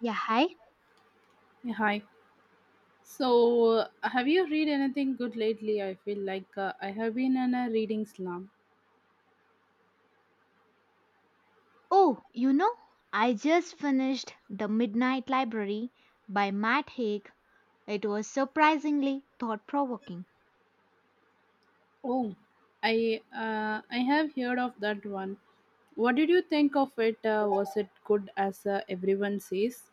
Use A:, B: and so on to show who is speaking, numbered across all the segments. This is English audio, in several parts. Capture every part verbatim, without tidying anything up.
A: Yeah, hi.
B: Yeah, Hi. So, uh, have you read anything good lately? I feel like uh, I have been in a reading slump.
A: Oh, you know, I just finished The Midnight Library by Matt Haig. It was surprisingly thought provoking.
B: Oh, I uh, I have heard of that one. What did you think of it? Uh, was it good as uh, everyone says?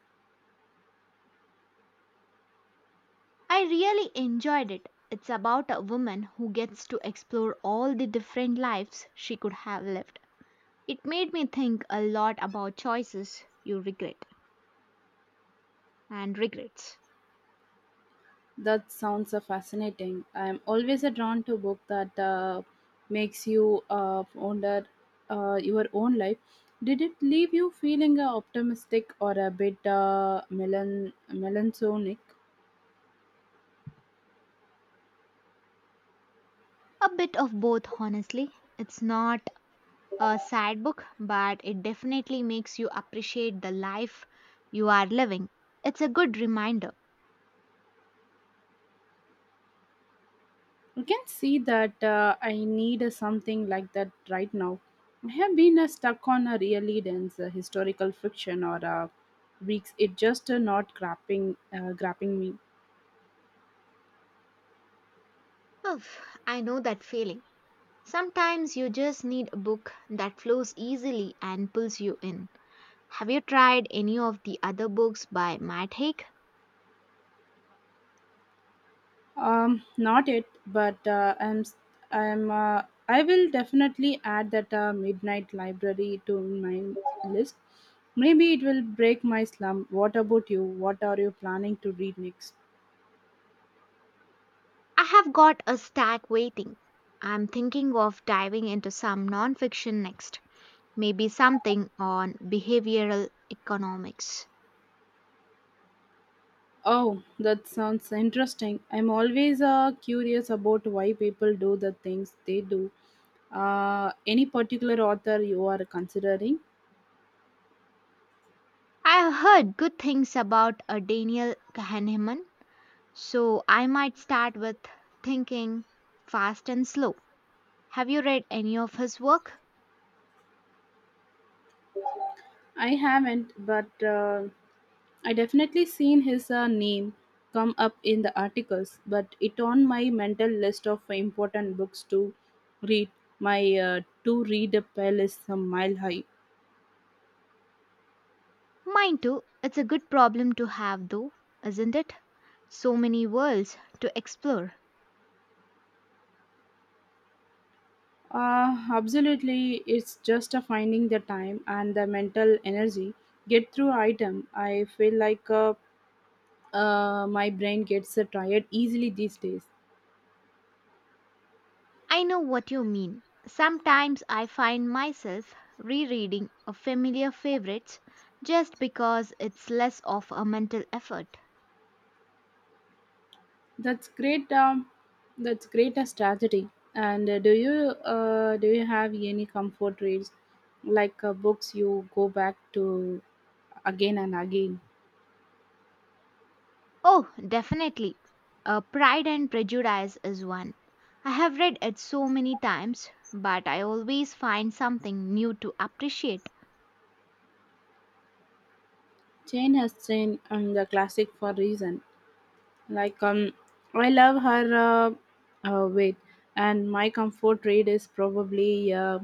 A: I really enjoyed it. It's about a woman who gets to explore all the different lives she could have lived. It made me think a lot about choices you regret and regrets.
B: That sounds uh, fascinating. I'm always uh, drawn to book that uh, makes you uh, wonder uh, your own life. Did it leave you feeling uh, optimistic or a bit uh, melan- melancholic?
A: A bit of both, honestly. It's not a sad book, but it definitely makes you appreciate the life you are living. It's a good reminder.
B: You can see that uh, I need uh, something like that right now. I have been uh, stuck on a really dense uh, historical fiction or uh, weeks. It just uh, not grabbing uh, grabbing me.
A: Oof, I know that feeling. Sometimes you just need a book that flows easily and pulls you in. Have you tried any of the other books by Matt Haig?
B: Um, not it, but uh, I'm s- I'm uh, I will definitely add that uh, Midnight Library to my list. Maybe it will break my slump. What about you? What are you planning to read next?
A: I have got a stack waiting. I'm thinking of diving into some nonfiction next, maybe something on behavioral economics.
B: Oh, that sounds interesting. I'm always uh, curious about why people do the things they do. Uh, any particular author you are considering?
A: I've heard good things about a Daniel Kahneman, so I might start with Thinking Fast and Slow. Have you read any of his work?
B: I haven't, but uh, I definitely seen his uh, name come up in the articles, but it on my mental list of important books to read. My uh, to read pile is a mile high.
A: Mine too. It's a good problem to have, though, isn't it? So many worlds to explore.
B: Uh, absolutely, it's just a finding the time and the mental energy. Get through item. I feel like uh, uh, my brain gets uh, tired easily these days.
A: I know what you mean. Sometimes I find myself rereading a familiar favorites just because it's less of a mental effort.
B: That's great. Um, that's great uh, strategy. And uh, do you uh, do you have any comfort reads like uh, books you go back to again and again?
A: Oh, definitely. Uh, Pride and Prejudice is one. I have read it so many times, but I always find something new to appreciate.
B: Jane has Jane and the classic for reason. Like um, I love her uh, uh, weight, and my comfort read is probably uh,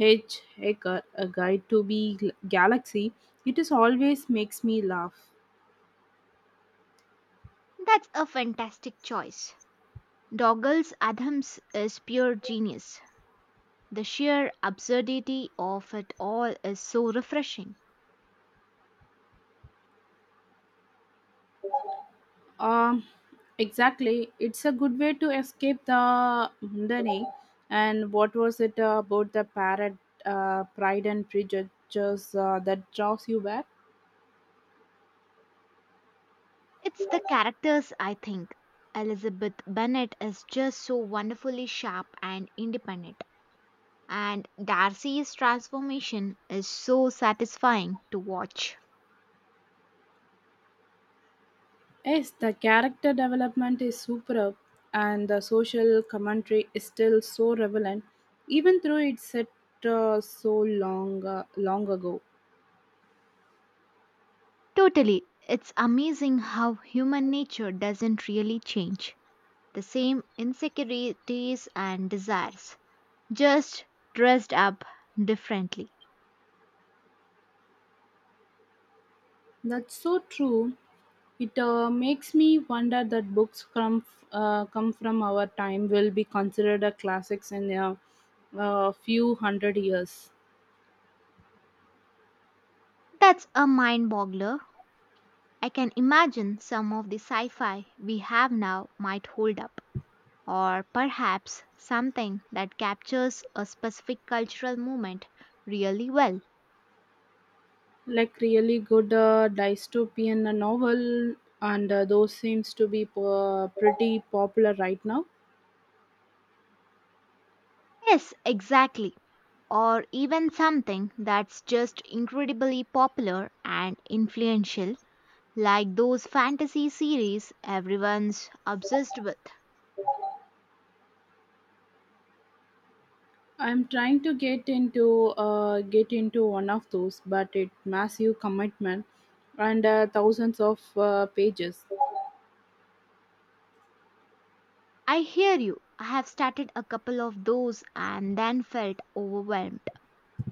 B: H. Hacker, a guide to be Gl- galaxy. It is always makes me laugh.
A: That's a fantastic choice. Doggles Adams is pure genius. The sheer absurdity of it all is so refreshing.
B: Um, exactly. It's a good way to escape the mundane. And what was it uh, about the parrot, uh, Pride and Prejudice uh, that draws you back?
A: It's the characters, I think. Elizabeth Bennet is just so wonderfully sharp and independent. And Darcy's transformation is so satisfying to watch.
B: Yes, the character development is superb, and the social commentary is still so relevant, even though it's set uh, so long, uh, long ago.
A: Totally, it's amazing how human nature doesn't really change. The same insecurities and desires, just dressed up differently.
B: That's so true. It uh, makes me wonder that books from uh, come from our time will be considered a classics in a, a few hundred years.
A: That's a mind boggler. I can imagine some of the sci fi we have now might hold up, or perhaps something that captures a specific cultural moment really well.
B: Like really good uh, dystopian novel, and uh, those seems to be uh, pretty popular right now.
A: Yes, exactly. Or even something that's just incredibly popular and influential, like those fantasy series everyone's obsessed with.
B: I'm trying to get into uh, get into one of those, but it massive commitment and uh, thousands of uh, pages.
A: I hear you. I have started a couple of those and then felt overwhelmed.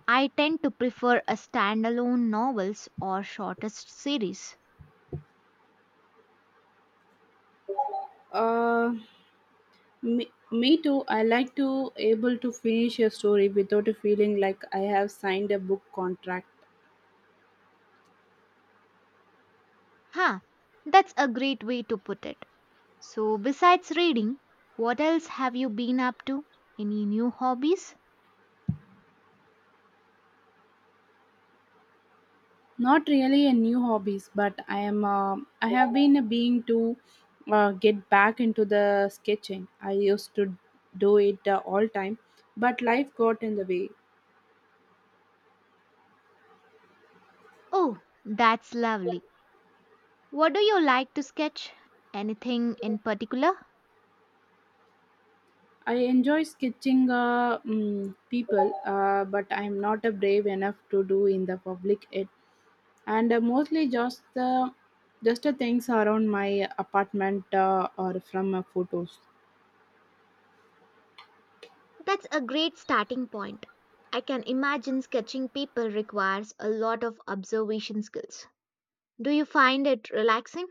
A: I tend to prefer a standalone novels or shortest series.
B: Uh, me, me too. I like to able to finish a story without a feeling like I have signed a book contract.
A: Huh, that's a great way to put it. So, besides reading, what else have you been up to? Any new hobbies?
B: Not really a new hobbies, but I am. Uh, I have been a being to uh, get back into the sketching. I used to do it uh, all time, but life got in the way.
A: Oh, that's lovely. What do you like to sketch? Anything in particular?
B: I enjoy sketching uh, mm, people, uh, but I'm not uh, brave enough to do in the public yet. And uh, mostly just the just the things around my apartment uh, or from uh, photos.
A: That's a great starting point. I can imagine sketching people requires a lot of observation skills. Do you find it relaxing?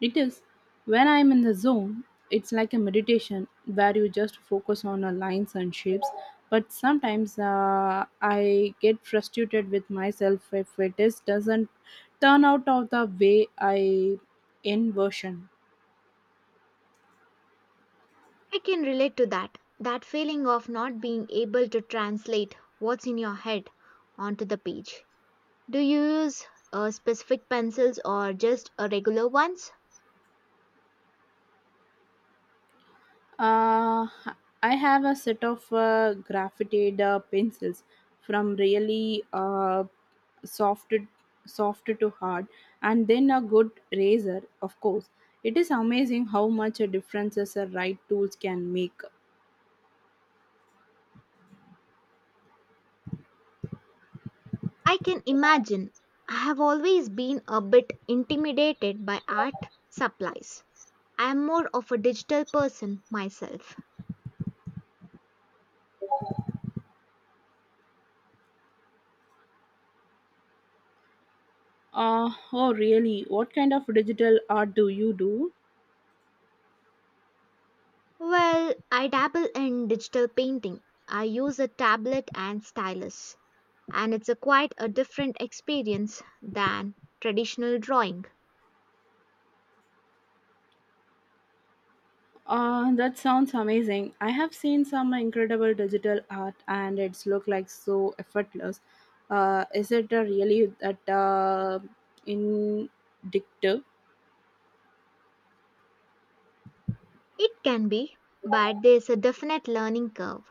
B: It is when I'm in the zone. It's like a meditation where you just focus on uh, lines and shapes. But sometimes uh, I get frustrated with myself if it is doesn't turn out of the way I envision.
A: I can relate to that. That feeling of not being able to translate what's in your head onto the page. Do you use uh, specific pencils or just uh, regular ones?
B: Uh, I have a set of uh, graphited uh, pencils from really uh, soft soft to hard, and then a good razor, of course. It is amazing how much a differences a right tools can make.
A: I can imagine. I have always been a bit intimidated by art supplies. I'm more of a digital person myself.
B: Uh, oh, really, what kind of digital art do you do?
A: Well, I dabble in digital painting. I use a tablet and stylus, and it's a quite a different experience than traditional drawing.
B: Uh, that sounds amazing. I have seen some incredible digital art and it's look like so effortless. Uh, is it uh, really that uh, indicative?
A: It can be, but there's a definite learning curve.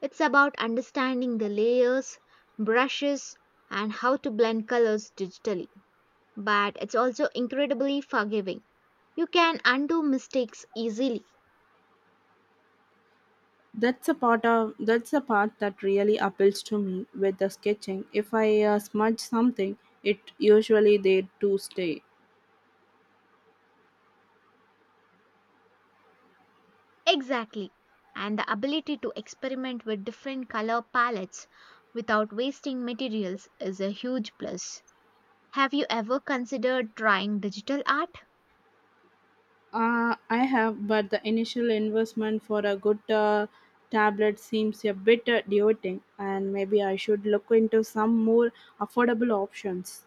A: It's about understanding the layers, brushes, and how to blend colors digitally. But it's also incredibly forgiving. You can undo mistakes easily.
B: That's a part of that's a part that really appeals to me with the sketching. If I uh, smudge something, it usually there to stay.
A: Exactly. And the ability to experiment with different color palettes without wasting materials is a huge plus. Have you ever considered trying digital art?
B: Uh, I have, but the initial investment for a good uh, tablet seems a bit uh, daunting, and maybe I should look into some more affordable options.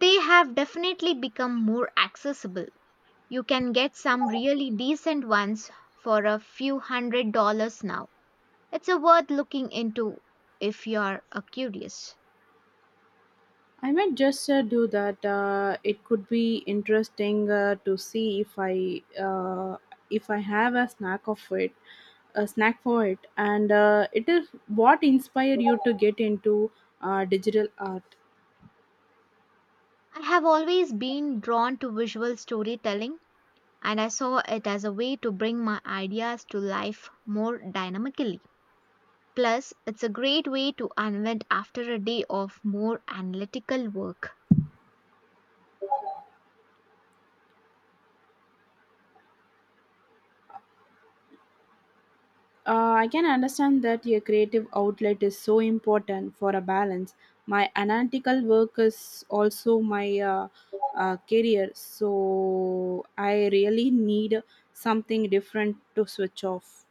A: They have definitely become more accessible. You can get some really decent ones for a few hundred dollars now. It's a worth looking into if you're uh, curious.
B: I might just uh, do that. Uh, it could be interesting uh, to see if I uh, if I have a snack of it, a snack for it, and uh, it is what inspired you to get into uh, digital art.
A: I have always been drawn to visual storytelling and I saw it as a way to bring my ideas to life more dynamically. Plus, it's a great way to unwind after a day of more analytical work.
B: Uh, I can understand that your creative outlet is so important for a balance. My analytical work is also my uh, uh, career, so I really need something different to switch off.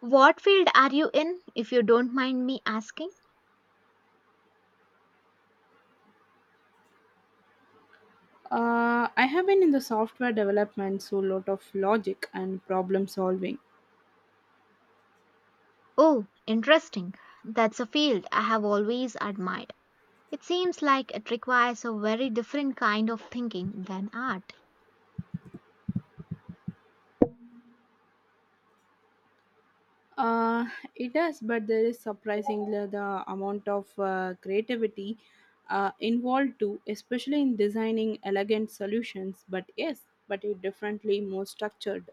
A: What field are you in, if you don't mind me asking?
B: Uh, I have been in the software development, so lot of logic and problem solving.
A: Oh, interesting. That's a field I have always admired. It seems like it requires a very different kind of thinking than art.
B: Uh, it does, but there is surprisingly the amount of uh, creativity uh, involved too, especially in designing elegant solutions. But yes, but it differently more structured.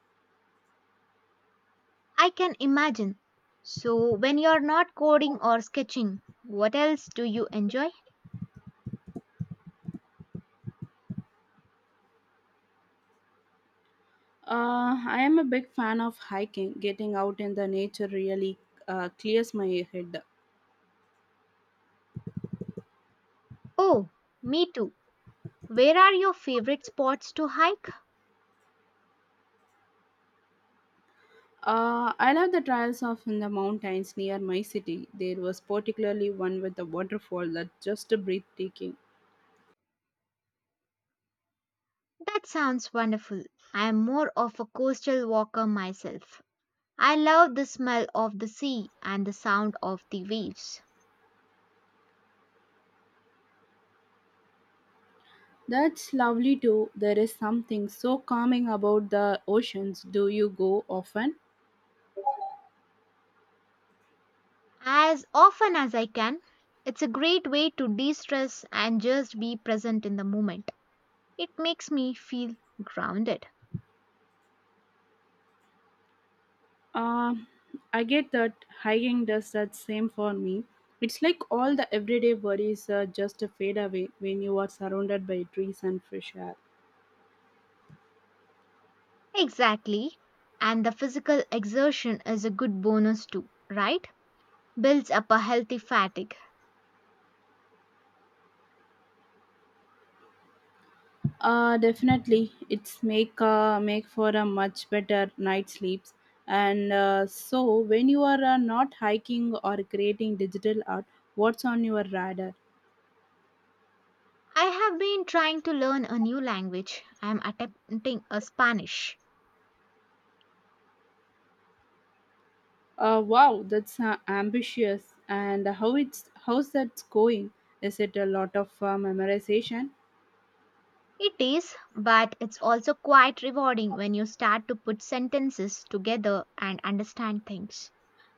A: I can imagine. So, when you're not coding or sketching, what else do you enjoy?
B: Uh, I am a big fan of hiking. Getting out in the nature really uh, clears my head.
A: Oh, me too. Where are your favorite spots to hike?
B: Uh, I love the trails of in the mountains near my city. There was particularly one with a waterfall that just breathtaking.
A: That sounds wonderful. I am more of a coastal walker myself. I love the smell of the sea and the sound of the waves.
B: That's lovely too. There is something so calming about the oceans. Do you go often?
A: As often as I can, it's a great way to de stress and just be present in the moment. It makes me feel grounded.
B: Um, I get that hiking does that same for me. It's like all the everyday worries uh, just fade away when you are surrounded by trees and fresh air.
A: Exactly. And the physical exertion is a good bonus too, right? Builds up a healthy fatigue.
B: Uh, definitely, it's make uh, make for a much better night sleeps. And uh, so, when you are uh, not hiking or creating digital art, what's on your radar?
A: I have been trying to learn a new language. I am attempting a Spanish.
B: Uh, wow, that's uh, ambitious. And how it's how's that going? Is it a lot of uh, memorization?
A: It is, but it's also quite rewarding when you start to put sentences together and understand things.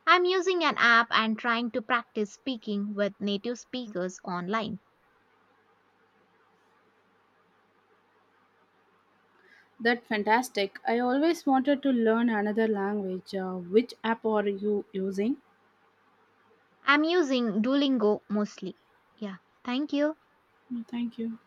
A: I'm using an app and trying to practice speaking with native speakers online.
B: That's fantastic. I always wanted to learn another language. Uh, which app are you using?
A: I'm using Duolingo mostly. Yeah, thank you.
B: No, thank you.